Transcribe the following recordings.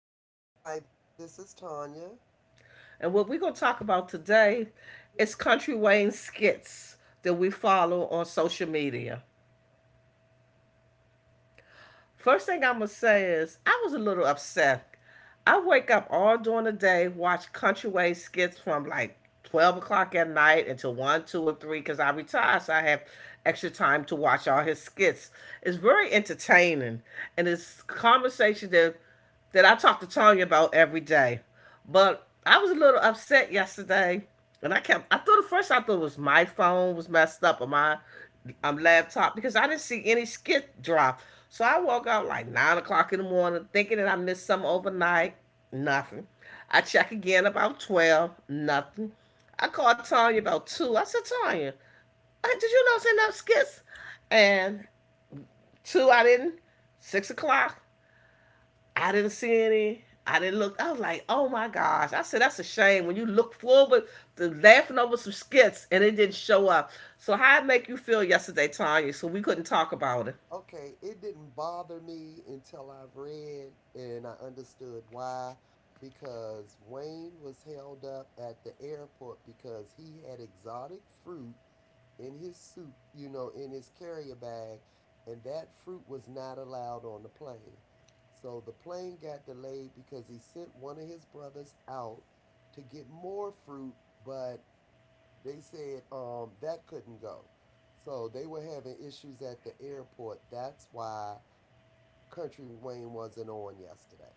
Hi, this is Tanya. and what we're going to talk about today is Country Wayne skits that we follow on social media. First thing I'm going to say is I was a little upset. I wake up all during the day, watch Country Wayne skits from like 12 o'clock at night until 1, 2, or 3 because I retire, so I have extra time to watch all his skits. It's very entertaining, and it's a conversation that I talk to Tanya about every day. But I was a little upset yesterday, and I kept. I thought at first I thought it was my phone was messed up or my laptop because I didn't see any skit drop. So I woke up like 9 o'clock in the morning thinking that I missed some overnight. Nothing. I check again about 12. Nothing. I called Tanya about two. I said, Tanya, did you not send up skits? And two, I didn't. 6 o'clock. I didn't see any. I didn't look. I was like, oh my gosh. I said, that's a shame. When you look forward to laughing over some skits and it didn't show up. So how it make you feel yesterday, Tanya? So we couldn't talk about it. Okay, it didn't bother me until I've read and I understood why. Because Wayne was held up at the airport because he had exotic fruit in his suit, you know, in his carrier bag, and that fruit was not allowed on the plane. So the plane got delayed because he sent one of his brothers out to get more fruit, but they said that couldn't go. So they were having issues at the airport. That's why Country Wayne wasn't on yesterday.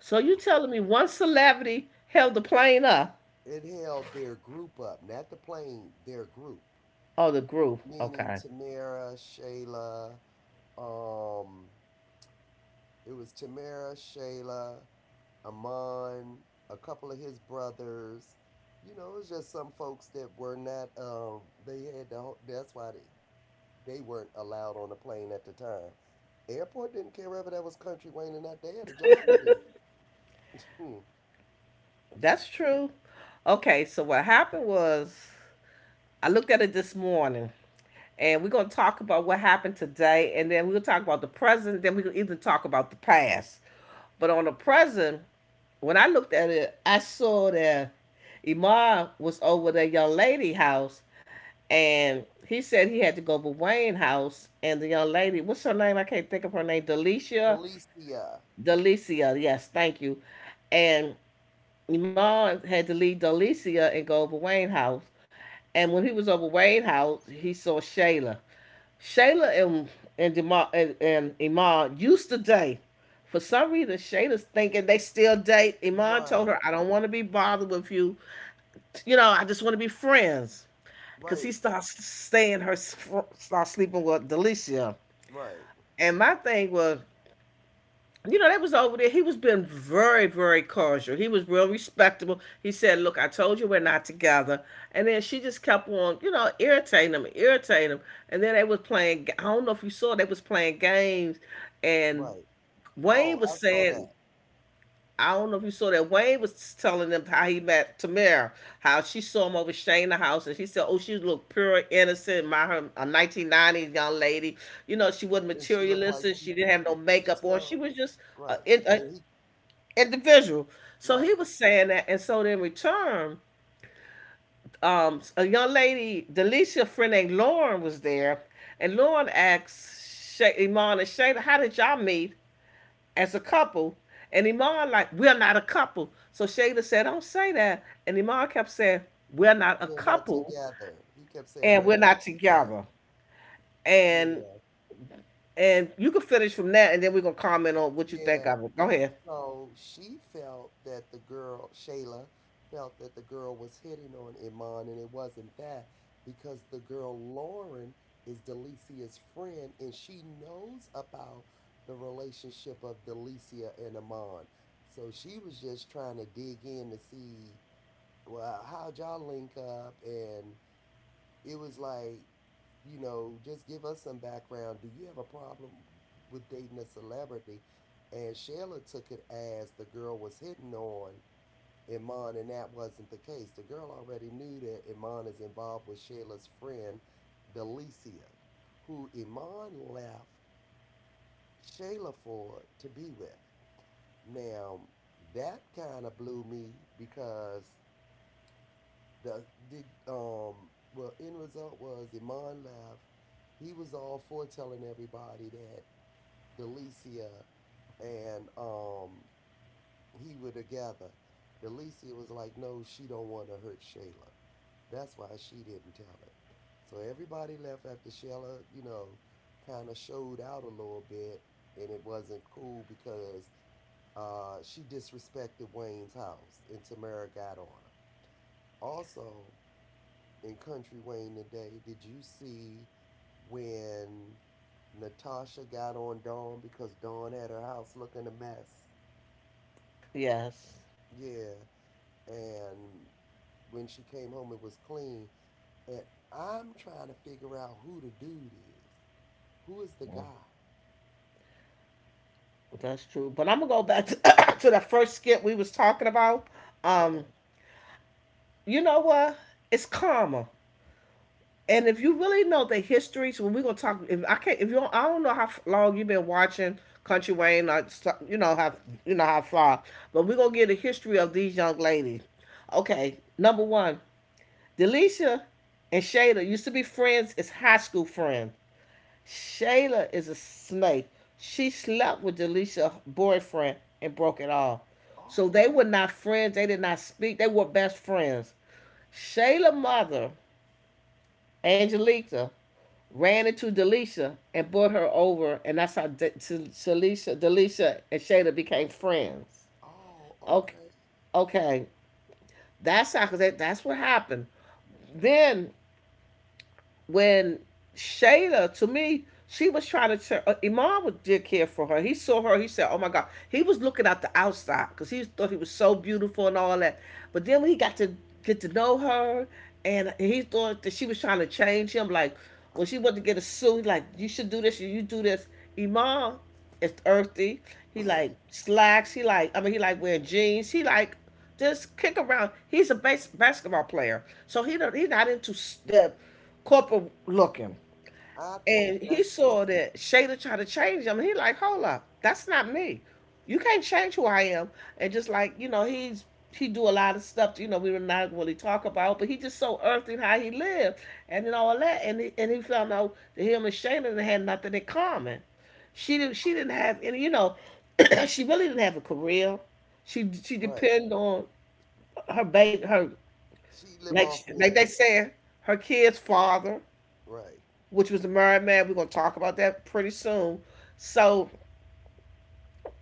So you telling me one celebrity held the plane up? It held their group up, not the plane, their group, Oh, the group. meaning Okay. Tamara, Shayla. Um, it was Tamara, Shayla, Amon, a couple of his brothers. You know, it was just some folks that were not. They had the. That's why they weren't allowed on the plane at the time. Airport didn't care whether that was Country Wayne or not. They had a job to do. Hmm. That's true. Okay, so what happened was I looked at it this morning and we're gonna talk about what happened today, and then we'll talk about the present. Then we can even talk about the past. But on the present, when I looked at it, I saw that Imar was over the young lady house, and he said he had to go over Wayne house, and the young lady, what's her name? I can't think of her name. Delicia, Alicia. Delicia. Yes, thank you. And Imar had to leave Delicia and go over Wayne house. And when he was over Wayne house, he saw Shayla. Shayla and Jamal and Iman used to date. For some reason, Shayla's thinking they still date. Iman told Right. her, "I don't want to be bothered with you. You know, I just want to be friends." Because he Right. starts staying her, starts sleeping with Delicia. Right. And my thing was, you know, that was over there. He was being very, very cordial. He was real respectable. He said, look, I told you we're not together. And then she just kept on, you know, irritating him, irritating him. And then they was playing, I don't know if you saw, they was playing games. And Right. Oh, Wayne I was saw saying, that. I don't know if you saw that. Wayne was telling them how he met Tamara, how she saw him over Shane the house, and she said, "Oh, she looked pure, innocent, my her a 1990s young lady. You know, she wasn't And she looked like materialistic. she She didn't have no he could makeup on. She tell was just a, right. a, And he individual. So he right. was saying that, and so in return, a young lady, Delicia friend named Lauren, was there, and Lauren asked Shay, Iman and Shada, "How did y'all meet as a couple?" And Iman like, "We're not a couple." So Shada said, "Don't say that," and Iman kept saying, "We're not a We're not couple, together. He kept saying and we're we're not not together. together." And Yeah. and you can finish from that, and then we're gonna comment on what you think Yeah. of it. Go ahead. So she felt that the girl, Shayla, felt that the girl was hitting on Iman, and it wasn't that because the girl, Lauren, is Delicia's friend and she knows about the relationship of Delicia and Iman. So she was just trying to dig in to see, well, how'd y'all link up? And it was like, you know, just give us some background. Do you have a problem with dating a celebrity? And Shayla took it as the girl was hitting on Iman, and that wasn't the case. The girl already knew that Iman is involved with Shayla's friend, Delicia, who Iman left Shayla for to be with. Now, that kind of blew me because the did well end result was Iman left. He was all for telling everybody that Delicia and he were together. Delicia was like, no, she don't want to hurt Shayla. That's why she didn't tell it. So everybody left after Shayla, you know, kind of showed out a little bit, and it wasn't cool because she disrespected Wayne's house, and Tamara got on her. Also, in Country Wayne today, did you see when Natasha got on Dawn because Dawn had her house looking a mess? Yes. Yeah. And when she came home, it was clean. And I'm trying to figure out who the dude is. Who is the guy? That's true. But I'm gonna go back to, to that first skit we was talking about. Um, Okay. you know what? It's karma. And if you really know the history, so when we're gonna talk. If I can't, if you don't, I don't know how long you've been watching Country Wayne, you know how far, but we're gonna get a history of these young ladies. Okay, number one, Delisha and Shada used to be friends. It's high school friends. Shayla is a snake. She slept with Delicia's boyfriend and broke it off. So they were Oh, not friends. They did not speak. They were best friends. Shayla's mother, Angelica, ran into Delicia and brought her over, and that's how Delicia, and Shayla became friends. oh, Okay, okay. okay, that's how. Cause that's what happened. Then when Shayla, to me, she was trying to turn. Iman did care for her. He saw her. He said, "Oh my God." He was looking out the outside because he thought he was so beautiful and all that. But then when he got to get to know her, and he thought that she was trying to change him. Like when she wanted to get a suit, like you should do this, you do this. Iman is earthy. He like slacks. He like I mean he like wearing jeans. He like just kick around. He's a base basketball player, so he don't, he's not into the corporate looking. I think And he that's saw just that Shada tried to change him. And he like, hold up, that's not me. You can't change who I am. And just like you know, he's he do a lot of stuff. You know, we were not really talk about, but he just so earthy in how he lived and then all that. And he found out that him and Shada had nothing in common. She didn't have any. You know, she really didn't have a career. She right. depended on her baby her She live like off like they men, said her kid's father right? which was the married man. We're gonna talk about that pretty soon. So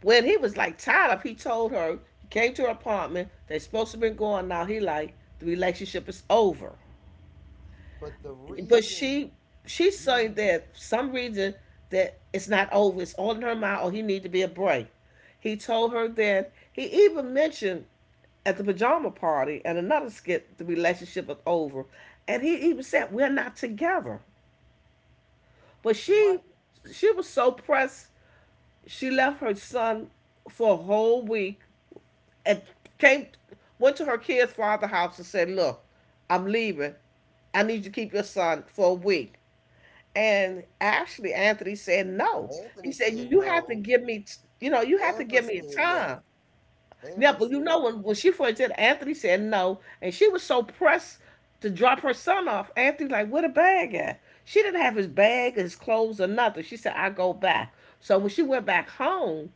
when he was like tied up, he told her he came to her apartment. They supposed to have been going now. He like the relationship is over, But the but reason she's saying he that for some reason that it's not over. It's all in her mind. Or he need to be a break. He told her that he even mentioned at the pajama party and another skit the relationship was over and he even said we're not together but right, she was so pressed. She left her son for a whole week and came went to her kid's father's house and said, look, I'm leaving. I need you to keep your son for a week. And actually Anthony said no. He Anthony said, you said have to no. give me you know, you have to give Amber me said yeah. time. Yeah, Amber but you said know yeah. When she first did, Anthony said no, and she was so pressed to drop her son off. Anthony like, where the bag at? She didn't have his bag, his clothes, or nothing. She said, I go back. So when she went back home,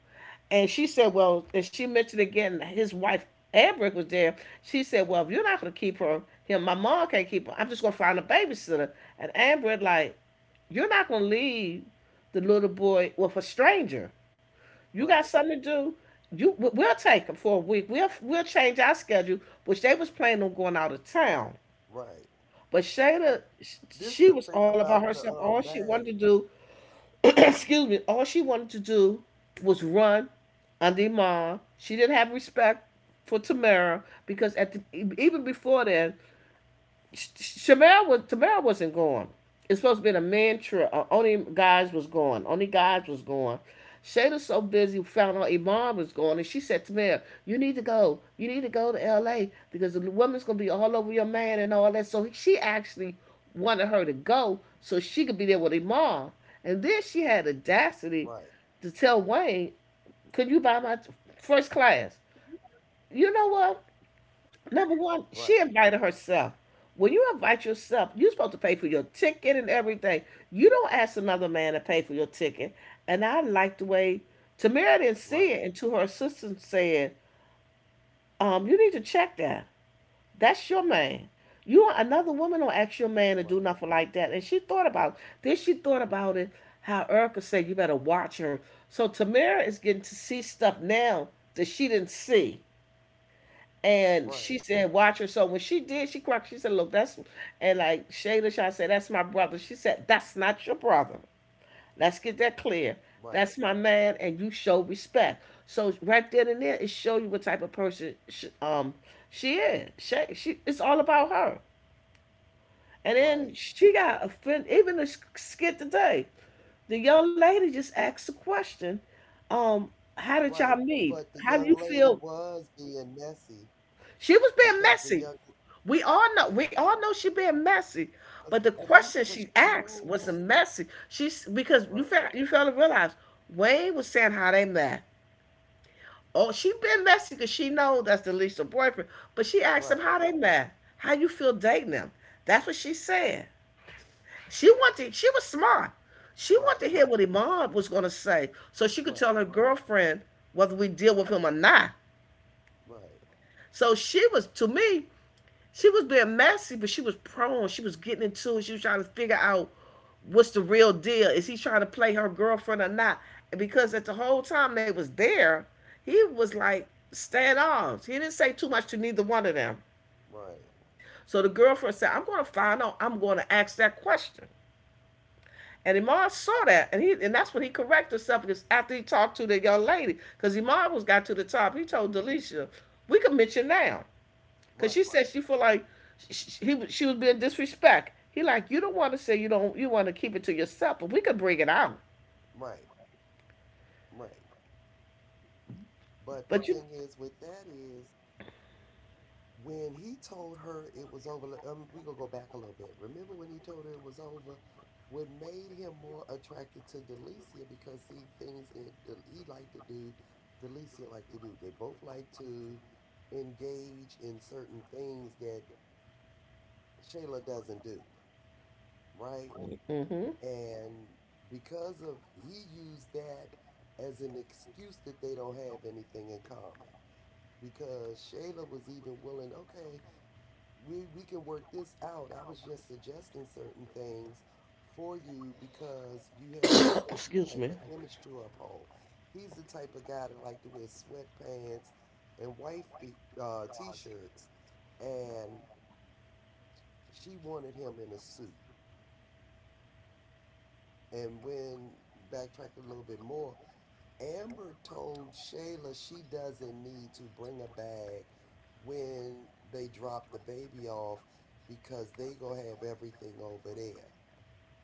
and she said, well, and she mentioned again his wife Ambrick was there. She said, well, if you're not gonna him, my mom can't keep her. I'm just gonna find a babysitter. And Amber like, you're not gonna leave the little boy with a stranger. You got Right, something to do. You we'll take them for a week. We'll change our schedule, which they was planning on going out of town. right. But But Shayla, this the she was thing all about about the herself. All she wanted bag. to do, excuse me, all she wanted to do was run under mom. She didn't have respect for Tamara because at even before then, Sh- was Tamara wasn't going. It's supposed to be a man trip. Only guys was going. Only guys was going. Shada's so busy found out Iman was going, and she said to me, "You need to go. You need to go to L.A. because the woman's gonna be all over your man and all that." So she actually wanted her to go so she could be there with Iman. And then she had audacity Right, to tell Wayne, "Could you buy my first class?" You know what? Number right, one, she invited herself. When you invite yourself, you're supposed to pay for your ticket and everything. You don't ask another man to pay for your ticket. And I like the way Tamara right, didn't see it until her assistant said, you need to check that. That's your man. You don't- another woman don't ask your right, man to do nothing like that. And she thought about it. Then she thought about it, how Erica said you better watch her. So Tamara is getting to see stuff now that she didn't see. right, And she said, watch her. So when she did, she cracked. She said, and like Shayla, I said, that's my brother. She said, that's not your brother. Let's get that clear. right, That's my man, and you show respect. So right then and there, it show you what type of person she is. It's all about her. And right, then she got offended. Even the skit today, the young lady just asked the question, um, how did right. y'all But meet? the young How do you lady feel? was being messy She was being because the young messy. We all know. yeah, We all know she being messy. cause But the delete question cause she she asked was knows. the messy. She's because Right, you fail to realize Wayne was saying how they met. Oh, she been messy because she know that's the least of boyfriend. But she asked him right, how they met. How you feel dating them? That's what she said. She wanted. She was smart. She wanted to right, hear what Iman was gonna say, so she could right, tell her girlfriend whether we deal with him or not. right, So she was to me. She was being messy, but she was prone. She was getting into it. She was trying to figure out what's the real deal. Is he trying to play her girlfriend or not? And because at the whole time they was there, he was like standoff. He didn't say too much to neither one of them. right, So the girlfriend said, "I'm going to find out. I'm going to ask that question." And Imar saw that, and he and that's when he corrected himself because after he talked to the young lady, because Imar was got to the top, he told Delisha, "We can mention now." Cause she right, said she feel like she, he she was being disrespect. He like you don't want to say you don't you want to keep it to yourself, but we could bring it out. right, right. But the But thing you, is with that is when he told her it was over, we gonna go back a little bit, remember when he told her it was over, what made him more attracted to Delicia because see things that he liked to do Delicia liked to do, they both like to engage in certain things that Shayla doesn't do, right? hmm. And because of he used that as an excuse that they don't have anything in common, because Shayla was even willing, okay, we can work this out. I was just suggesting certain things for you because you have a certain Excuse type me. of image to uphold. He's the type of guy that like to wear sweatpants and wife be, t-shirts, and she wanted him in a suit. And when, backtrack a little bit more, Amber told Shayla she doesn't need to bring a bag when they drop the baby off because they gonna have everything over there.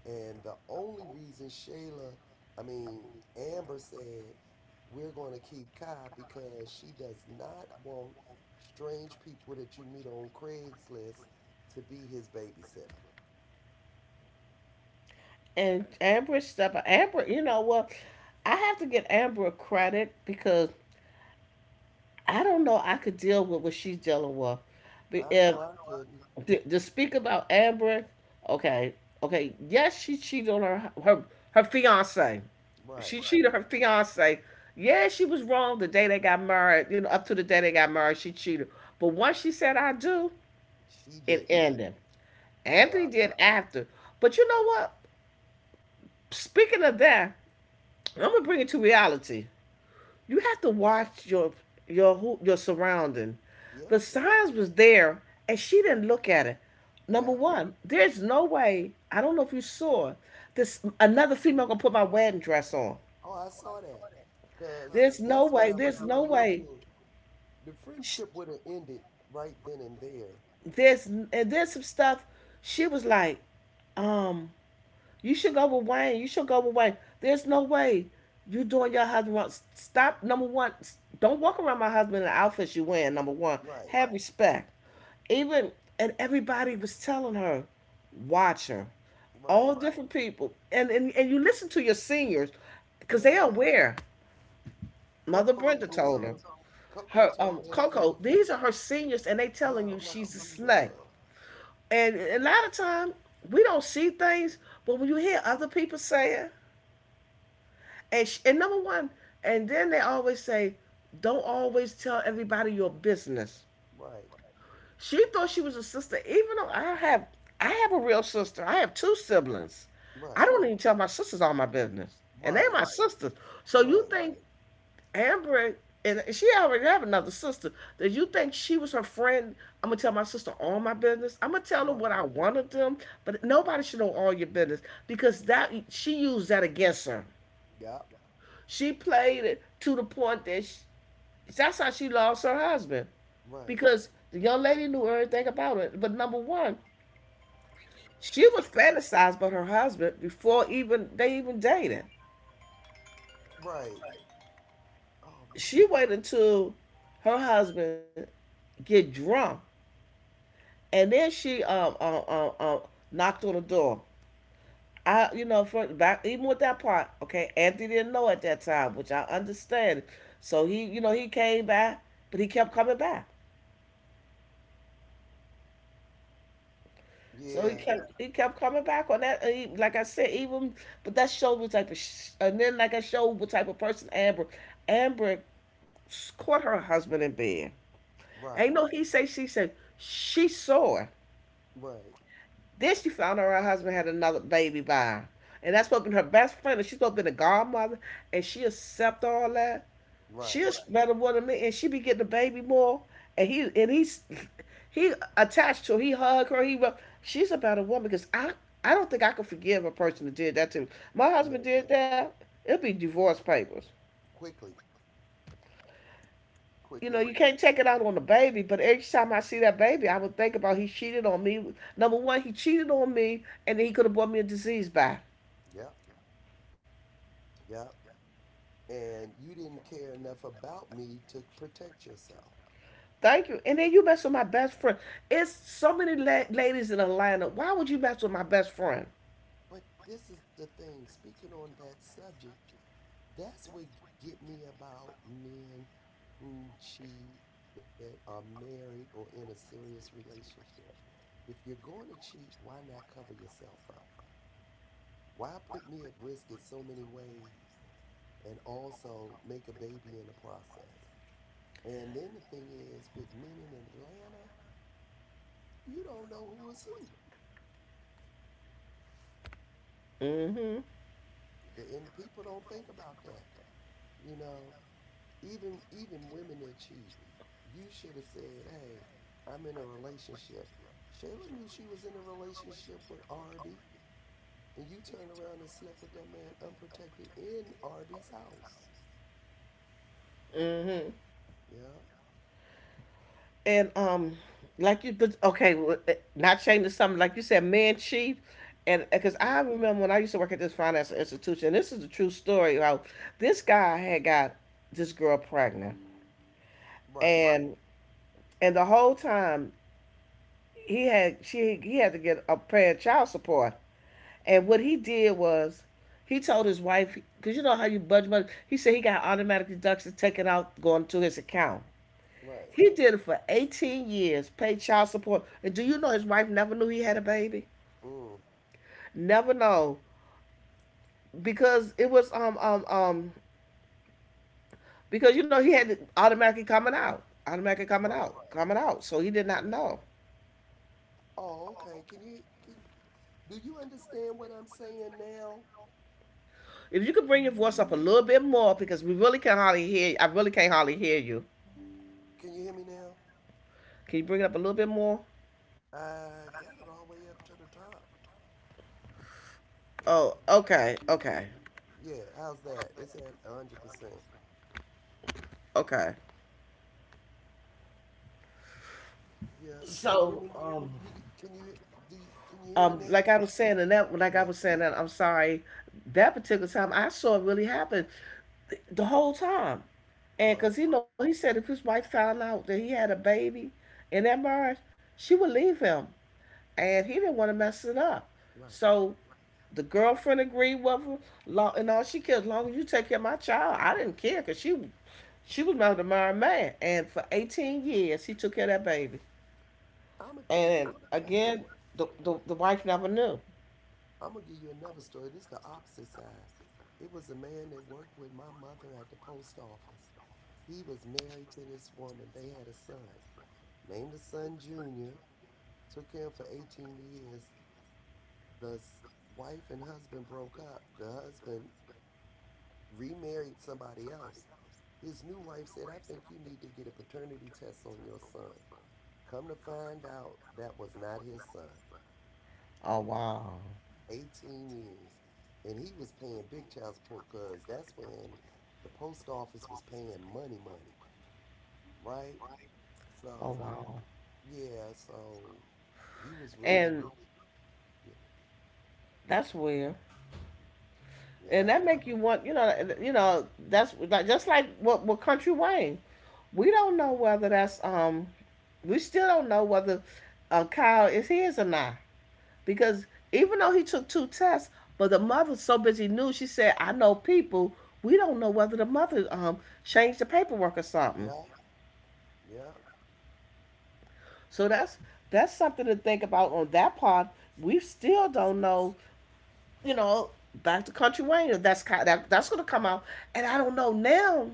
And the only reason Shayla, I mean, Amber said, we're going to keep Kai because she does not want strange people that you meet on Craigslist to be his babysitter. And Amber step up. Amber, you know what? Well, I have to get Amber credit because I don't know I could deal with what she's dealing with. Be- I If know I couldn't. to speak about Amber, okay, okay, yes, she cheated on her fiance. She Right. cheated her fiance. Yeah, she was wrong the day they got married. You know, up to the day they got married, she cheated. But once she said I do, She it didn't. ended. Anthony Yeah. did after. But you know what? Speaking of that, I'm gonna bring it to reality. You have to watch your your surrounding. Yep. The signs was there, and she didn't look at it. Number Yep. one, there's no way. I don't know if you saw this. Another female gonna put my wedding dress on. Oh, I saw that. Because There's that's no when I way. was There's no really way. into it. The She, friendship would have ended right then and there. there's and there's some stuff. She was like, um, you should go with Wayne. You should go with Wayne. There's no way you doing your husband wrong. Stop. Number one, don't walk around my husband in the outfits you wearing. Number one, Right. have respect. Even and everybody was telling her, watch her. Right. All different people, and and you listen to your seniors, because Yeah. they are aware. Mother Coco Brenda even told her told Coco her told Coco, Anthony these are her seniors, and they telling how you lucky she's a he snake. was. And a lot of time we don't see things, but when you hear other people saying, and sh- and number one, and then they always say, don't always tell everybody your business. Right, She thought she was a sister, even though I have a real sister. I have 2 siblings. right, I don't even tell my sisters all my business, and they are right, my Right. sisters. So you Right. right, think Amber and she already have another sister. Did you think she was her friend? I'm gonna tell my sister all my business. I'm gonna tell her right. what I wanted them, but nobody should know all your business because that she used that against her. Yep. She played it to the point that she, that's how she lost her husband Right, because the young lady knew everything about it. But number one, she was fantasized about her husband before even they even dated. right. Oh man. She waited until her husband get drunk. And then she knocked on the door. I you know for that even with that part, okay, Anthony didn't know at that time, which I understand. So he you know he came back, but he kept coming back. So he Yeah. kept he kept coming back on that. And He, like I said, even but that showed what type of sh- and then like I showed what type of person Amber Amber s- caught her husband in bed. Right, Ain't no he say she said she saw it. right, Then she found out her husband had another baby by her. And that's supposed to be her best friend. And she's supposed to be the godmother. And she accept all that. right. She's better woman than me. And she be getting the baby more. And he's he attached to her. He hugged her. He rub- she's a better woman because I don't think I could forgive a person that did that to me. My husband No, did that. It'll be divorce papers. quickly, You know, quickly. you can't take it out on the baby, but each time I see that baby, I would think about he cheated on me. Number one, he cheated on me, and then he could have brought me a disease back. Yep, yep. And you didn't care enough about me to protect yourself. Thank you. And then you mess with my best friend. It's so many la- ladies in Atlanta. Why would you mess with my best friend? But this is the thing. Speaking on that subject, that's what get me about men who cheat that are married or in a serious relationship. If you're going to cheat, why not cover yourself up? Why put me at risk in so many ways and also make a baby in the process? And then the thing is, with men in Atlanta, you don't know who is who. Mm-hmm. And people don't think about that, you know? Even even women that cheat, you should have said, "Hey, I'm in a relationship." Shayla knew she was in a relationship with Arby, and you turned around and slept with that man unprotected in Arby's house. Mm-hmm. Yeah, And like you, but okay, not changing something like you said, man cheat. And because I yeah, remember when I used to work at this financial institution, and this is a true story. How this guy had got this girl pregnant, Right. right, and the whole time he had to get a paying child support. And what he did was he told his wife, because you know how you budget money, he said he got automatic deductions taken out going to his account. right, He did it for 18 years, paid child support. And do you know his wife never knew he had a baby? mm, Never know. Because it was because you know he had it automatically coming out. Automatically coming right, out, coming out. So he did not right. know. Oh, okay. Can you can, do you understand what I'm saying now? If you could bring your voice up a little bit more, because we really can hardly hear you. I really can't hardly hear you. Can you hear me now? Can you bring it up a little bit more? I got it all the way up to the top. Let me see. Oh, okay, okay, Yeah, how's that? It's at 100%. okay. Yeah. Can you hear So, me? You can you do? You, can you hear me like now? I was saying, and that, like I Yeah. was saying, that I'm sorry, that particular time I saw it really happen th- the whole time, and Right. because you know he said if his wife found out that he had a baby in that marriage, she would leave him, and he didn't want to mess it up. Right. So, the girlfriend agreed with him, long, and all she cared as long as you take care of my child. I didn't care because she was married to my man, and for 18 years he took care of that baby. I'm gonna tell you And another story. again, the wife never knew. I'm gonna give you another story. This is the opposite side. It was a man that worked with my mother at the post office. He was married to this woman. They had a son. Named the son Junior. Took him for 18 years. The s- wife and husband broke up. The husband remarried somebody else. His new wife said, I think you need to get a paternity test on your son. Come to find out, that was not his son. Oh wow. 18 years. And he was paying big child support because that's when the post office was paying money, money, right? Oh So, wow. yeah, so he was really, And really getting that's weird. it. And that Yep, make you want, you know, that's like just like what with Country Wayne. We don't know whether that's we still don't know whether Kyle is his or not because even though he took 2 tests, but the mother's so busy knew she said, "I know people." We don't know whether the mother changed the paperwork or something. yep, yep. So that's something to think about on that part. We still don't know, you know, back to Country Wayne. If That's kind of, that, that's gonna come out, and I don't know now.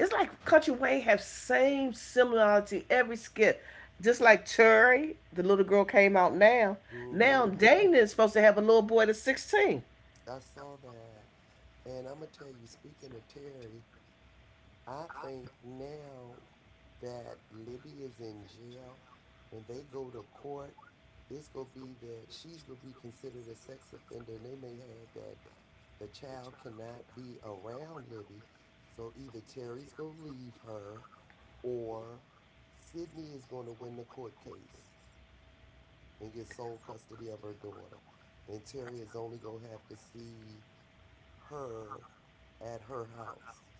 It's like Country Wayne have same similarity every skit, just like Cherry, the little girl came out now. Mm Now hmm. Dana is supposed to have a little boy that's 16. I saw that. And I'm going to tell you, speaking of Terry, I think now that Libby is in jail, when they go to court, it's gonna be that she's gonna be considered a sex offender, and they may have that the child cannot be around Libby. So either Terry's gonna leave her, or Sydney is gonna win the court case and get sole custody of her daughter, and Terry is only gonna have to see her at her house.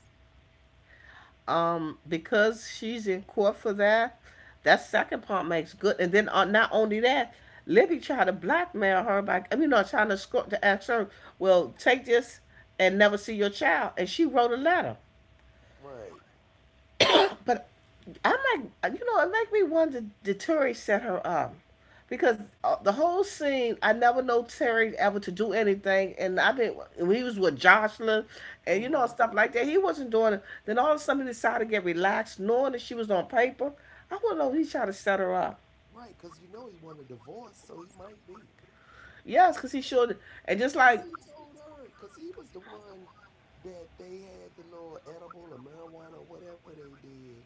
Because she's in court for that, that second part makes good. And then not only that, Libby tried to blackmail her by, I mean, not trying to escort to ask her, well, take this and never see your child. And she wrote a letter. Right. But I'm like, you know, it make me wonder did Terry set her up? Because the whole scene, I never know Terry ever to do anything, and I mean, when he was with Jocelyn, and you know Mm-hmm. stuff like that, he wasn't doing it. Then all of a sudden, he decided to get relaxed, knowing that she was on paper. I want not know if he tried to set her up. Right, because you know he won a divorce, so he might be. Yes, because he should. And just Because like, he told her, because he was the one that they had the little edible or marijuana or whatever they did.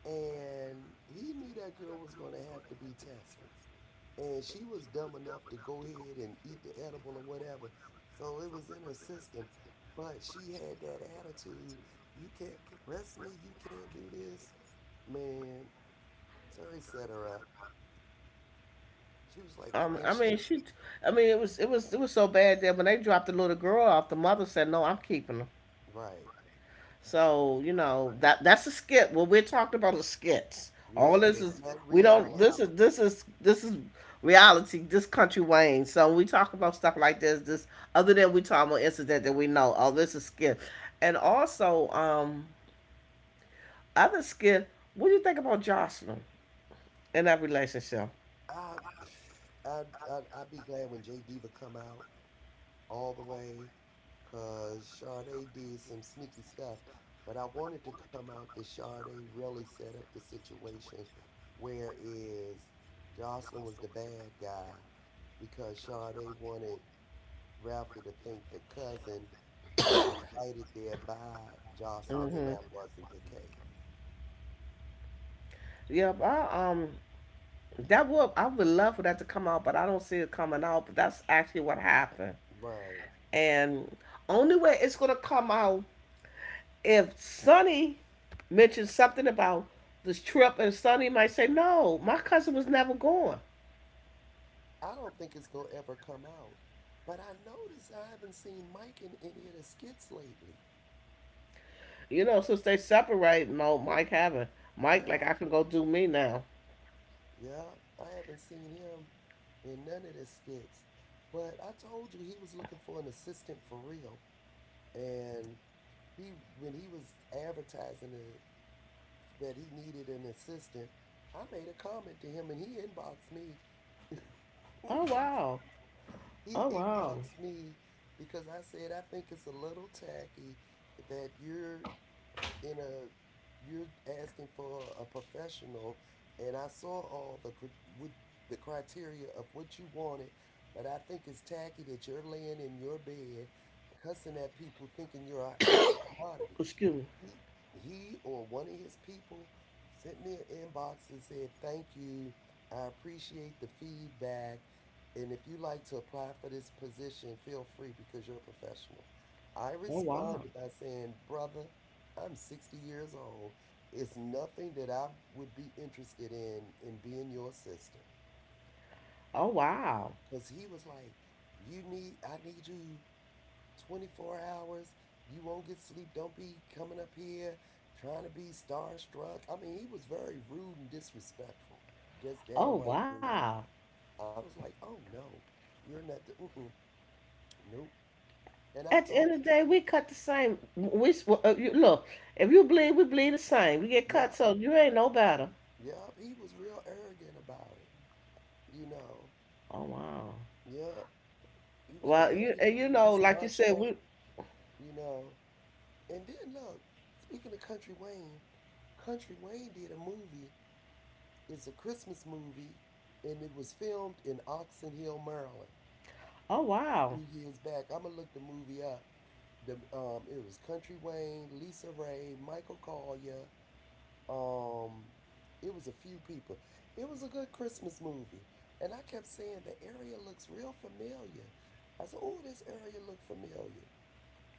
And he knew that girl was going to have to be tested. And she was dumb enough to go ahead and eat the edible or whatever. So it was in her system. But she had that attitude, you can't arrest me, you can't do this. Man, Terry set her up. She was like, and I she, mean, she, I mean, it was so bad that when they dropped the little girl off, the mother said, "No, I'm keeping her." right. So you Right. know that that's a skit. What we're talking about is skits. All Yeah, this it's is not we don't. This reality. is this is this is reality. This country Wayne. So we talk about stuff like this. This other than we talk about incident that we know. Oh, this is skit. And also, other skit. What do you think about Jocelyn in that relationship? I, I'd be glad when J Diva come out all the way, cause Sade did some sneaky stuff. But I wanted to come out that Sade really set up the situation, whereas Jocelyn was the bad guy because Sade wanted Ralphie to think the cousin was invited there by Jocelyn, and Mm-hmm. that wasn't the case. Yeah, I, that would I would love for that to come out, but I don't see it coming out. But that's actually what happened. Right. And only way it's gonna come out if Sonny mentions something about this trip, and Sonny might say, "No, my cousin was never going." I don't think it's gonna ever come out. But I noticed I haven't seen Mike in any of the skits lately. You know, since they separate, no, Mike haven't. Mike, like, Yeah, I can go do me now. yeah, I haven't seen him in none of the skits. But I told you he was looking for an assistant for real, and he when he was advertising it, that he needed an assistant, I made a comment to him, and he inboxed me. Oh wow! He Oh wow! inboxed me because I said I think it's a little tacky that you're in a you're asking for a professional, and I saw all the cr- what, the criteria of what you wanted, but I think it's tacky that you're laying in your bed, cussing at people, thinking you're a hot commodity. Excuse me. He, or one of his people sent me an inbox and said, Thank you. I appreciate the feedback. And if you like to apply for this position, feel free because you're a professional. I Oh wow! responded by saying, Brother, I'm 60 years old. It's nothing that I would be interested in being your assistant. Oh wow! Cause he was like, you need I need you 24 hours. You won't get sleep. Don't be coming up here trying to be starstruck. I mean, he was very rude and disrespectful, just Oh downright rude. wow! I was like, oh no, you're not the, mm-mm, nope. And I At the told end of him, the day, we cut the same. Well, you, look. If you bleed, we bleed the same. We get cut, yep, so you ain't no better. yep. He was real arrogant about it, you know. Oh wow! Yep. He was like, Well, don't you be and you looking to be know, like you said, starstruck, we. you know. And then look, speaking of Country Wayne, Country Wayne did a movie. It's a Christmas movie, and it was filmed in Oxon Hill, Maryland, Oh a wow! few years back. I'm gonna look the movie up. The it was Country Wayne, Lisa Ray, Michael Collier. Um, it was a few people. It was a good Christmas movie, and I kept saying the area looks real familiar. I said, "Oh, this area look familiar."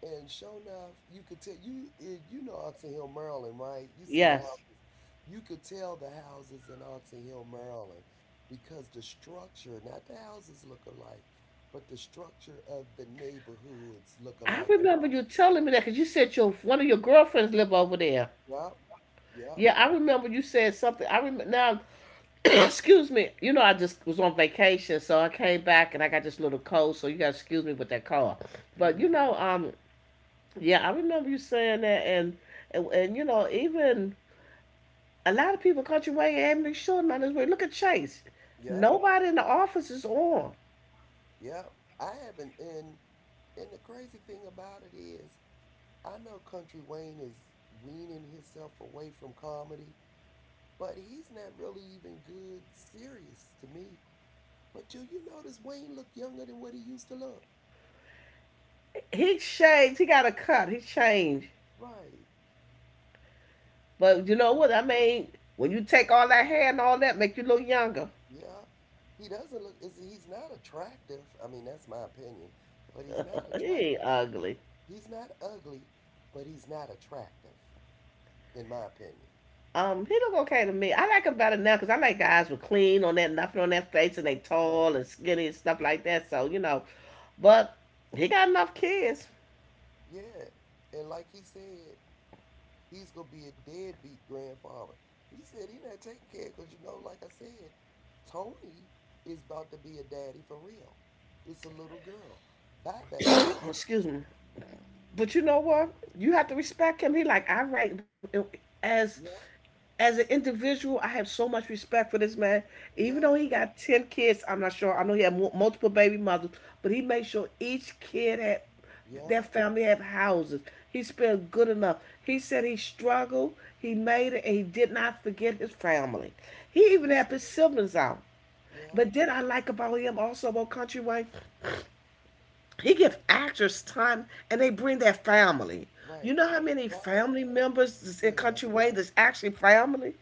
And sure enough, you could tell you you know Oxon Hill, Maryland, right? You seen the Yes. houses. You could tell the houses in Oxon Hill, Maryland, because the structure, not the houses look alike, but the structure of the neighborhoods look I alike. In remember Ox- you telling me that because you said your one of your girlfriends live over there. yep, yep, Yeah, I remember you said something. I remember now. Excuse me. You know, I just was on vacation, so I came back and I got this little cold. So you got to excuse me with that cold. But mm, you know, yeah, I remember you saying that, and and you know, even a lot of people country way and be sure on this way. Look at Chase. yep, Nobody in the office is on. yep. I haven't, and the crazy thing about it is, I know Country Wayne is weaning himself away from comedy, but he's not really even good serious to me. But do you notice Wayne look younger than what he used to look? He changed. He got a cut. He changed. Right. But you know You, what? I mean, when you take all that hair and all that, make you look younger. yeah. He doesn't look is he's not attractive. I mean, that's my opinion, but he's not He ain't attractive. ugly. He's not ugly, but he's not attractive in my opinion. He look okay to me. I like him better now because I like guys with clean on that, nothing on their face, and they tall Right. and skinny and stuff like that. So you know, but he got enough kids. Yeah. And like he said, he's gonna be a deadbeat grandfather. He said he not taking care because you know, like I said, Tony is about to be a daddy for real. It's a little girl. Buy that girl. Excuse me. But you know what? You have to respect him. He like, all right, as Yep, as an individual, I have so much respect for this man. Even though he yep, got ten kids, I'm not sure. I know he had multiple baby mothers, but he made sure each kid had their yep. family have houses. He spent good enough. He said he struggled, he made it, and he did not forget his family. He even He's helped his siblings out. yep, But then I like about him also about Country Wayne. He gives actors time and they bring their family. You right. know how many But family members in yeah, Country Wayne that's actually family?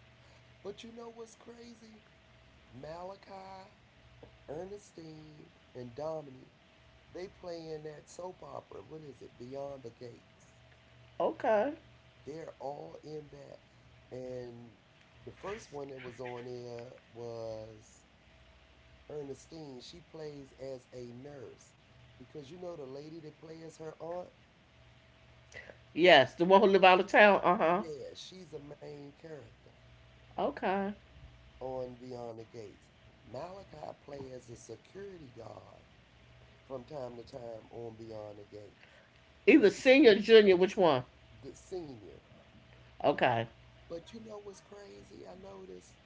but you know what's crazy? Malachi, Ernestine, and Dominique, they play in that soap opera. What is it? Beyond the Gates. Okay. They're all in that. And the first one that was on there was Ernestine. She plays as a nurse because you know the lady that plays her aunt? Yes, the one who live out of town. Uh huh. Yeah, she's a main character Okay. on Beyond the Gates. Malachi plays as a security guard from time to time on Beyond the Gates. Either But senior, or junior, which one? the senior. Okay. But you know what's crazy? I noticed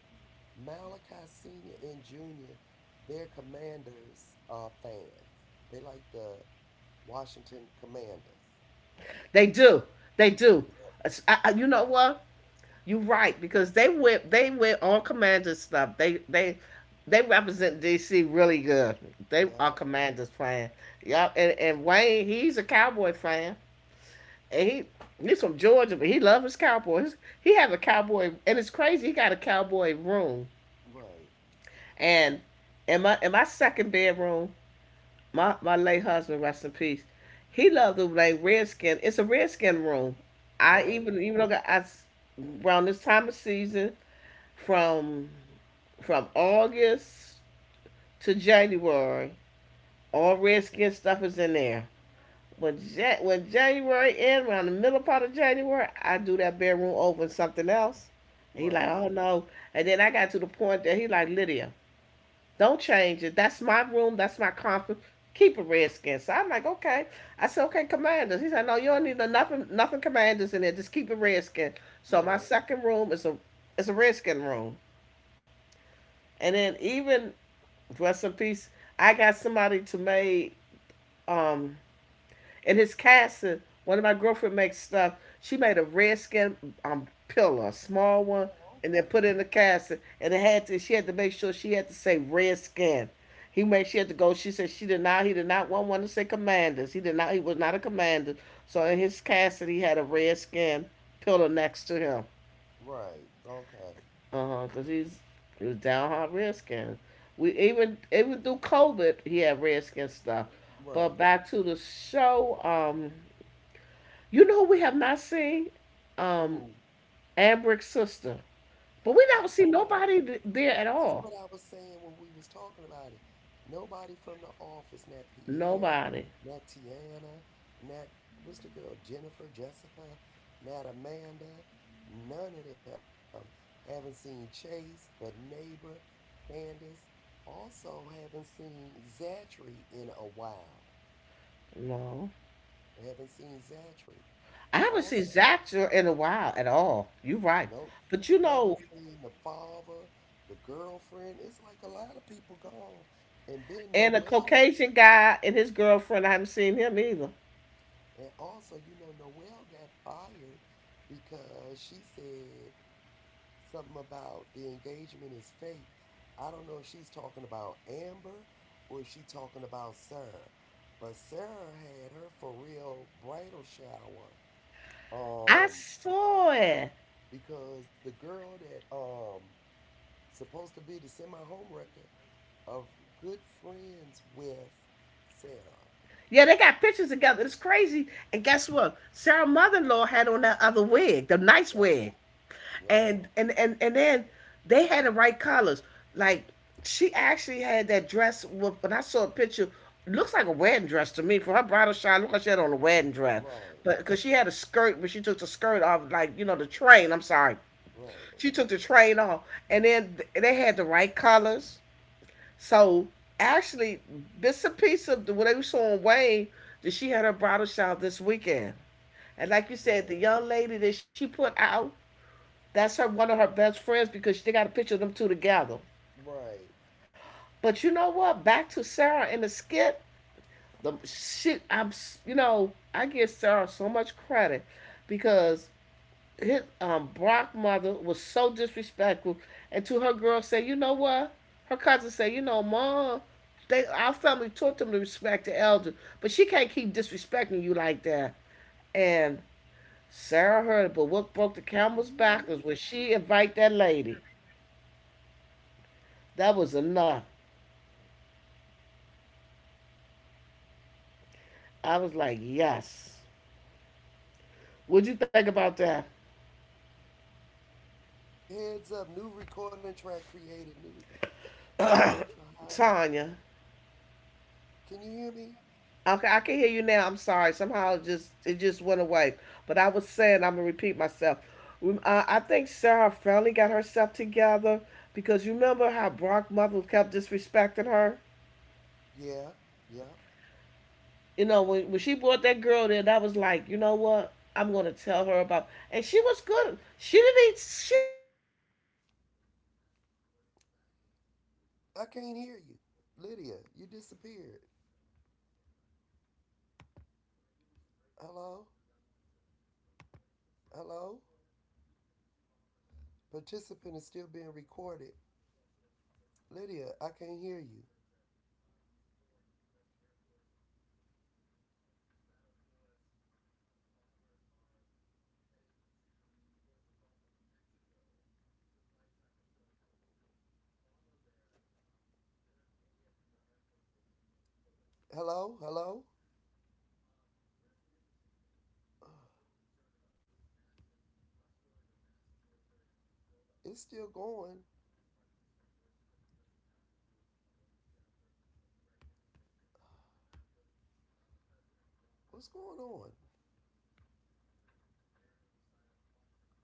Malachi Senior and Junior, they're Commanders fans. They like the Washington Commanders. They do. They do. Yep, You know what? You're right because they went. They went on commander stuff. They they represent DC really good. They are yep. commanders fan. Yup. And Wayne, he's a cowboy fan. And he's from Georgia, but he loves his cowboys. He has a cowboy, and it's crazy. He got a cowboy room, Right, and in my second bedroom, my late husband, rest in peace, he loved the like redskin. It's a redskin room. I right, even though I s- around this time of season from from August to January, all redskin stuff is in there. When, ja- when January end, around the middle part of January, I do that bedroom over and something else. And he like, right, oh no. And then I got to the point that he like, Lydia, don't change it. That's my room. That's my comfort. Keep it redskin. So I'm like, okay. I said, okay, commanders. He said, no, you don't need no nothing, nothing commanders in there. Just keep it redskin. So my right. second room is a redskin room. And then even rest in peace, I got somebody to make um and his casting, one of my girlfriend makes stuff. She made a redskin pillow, a small one, Oh, and then okay. put it in the casting. And it had to. She had to make sure she had to say redskin. He made she had to go. She said she did not. He did not want one to say commanders. He did not. He was not a commander. So in his casting, he had a redskin pillow next to him. Right, okay, Uh huh. Cause he's He was downhearted redskin. We even through COVID, he had redskin stuff. But right. back to the show. You know who we have not seen? Um, Ooh, Ambrick's sister. But we I don't see know. nobody th- there at That's all. what I was saying when we was talking about it. Nobody from the office, not Pierre, Nobody. not Tiana, not what's the girl, Jennifer, Jessica, not Amanda, none of them. Haven't seen Chase, the neighbor, Candace. Also haven't seen Zachary in a while. No. Haven't seen Zachary. I haven't seen Also, Zacher in a while at all. You're right. nope. But you know, Haven't seen the father, the girlfriend. It's like a lot of people gone. And then and a Noel Caucasian guy and his girlfriend, I haven't seen him either. and also, you know, Noelle got fired because she said something about the engagement is fake. I don't know if she's talking about Amber or if she's talking about Sarah. But Sarah had her for real bridal shower. I Um, saw it. because the girl that supposed to be the semi home wrecker, of good friends with Sarah. Yeah, they got pictures together. It's crazy. And guess what? Sarah's mother in law had on that other wig, the nice Yep, wig. yep. And then they had the right colors. Like she actually had that dress. With, when I saw a picture, looks like a wedding dress to me. For her bridal shower, looked like she had on a wedding dress. But Right, because she had a skirt, but she took the skirt off, like you know, the train. I'm sorry, right, she took the train off, and then th- they had the right colors. So actually, bits and pieces of the, what they saw on Wayne that she had her bridal shower this weekend. And like you said, the right, young lady that she put out that's her one of her best friends because they got a picture of them two together. right. But you know what? Back to Sarah in the skit. The shit, I'm you know I give Sarah so much credit because his Brock mother was so disrespectful, and to her girl say, you know what? Her cousin say, you know, mom, they our family taught them to respect the elder, but she can't keep disrespecting you like that. And Sarah heard it, but what broke the camel's back was when Really? she invite that lady. That was enough. I was like, yes. What'd you think about that, Tanya? Okay, I can hear you now. I'm sorry. Somehow it just went away. But I was saying I'm gonna repeat myself. I think Sarah finally got herself together because you remember how Brock's mother kept disrespecting her. You know when she brought that girl there, that was like, you know what? I'm gonna tell her about. And she was good.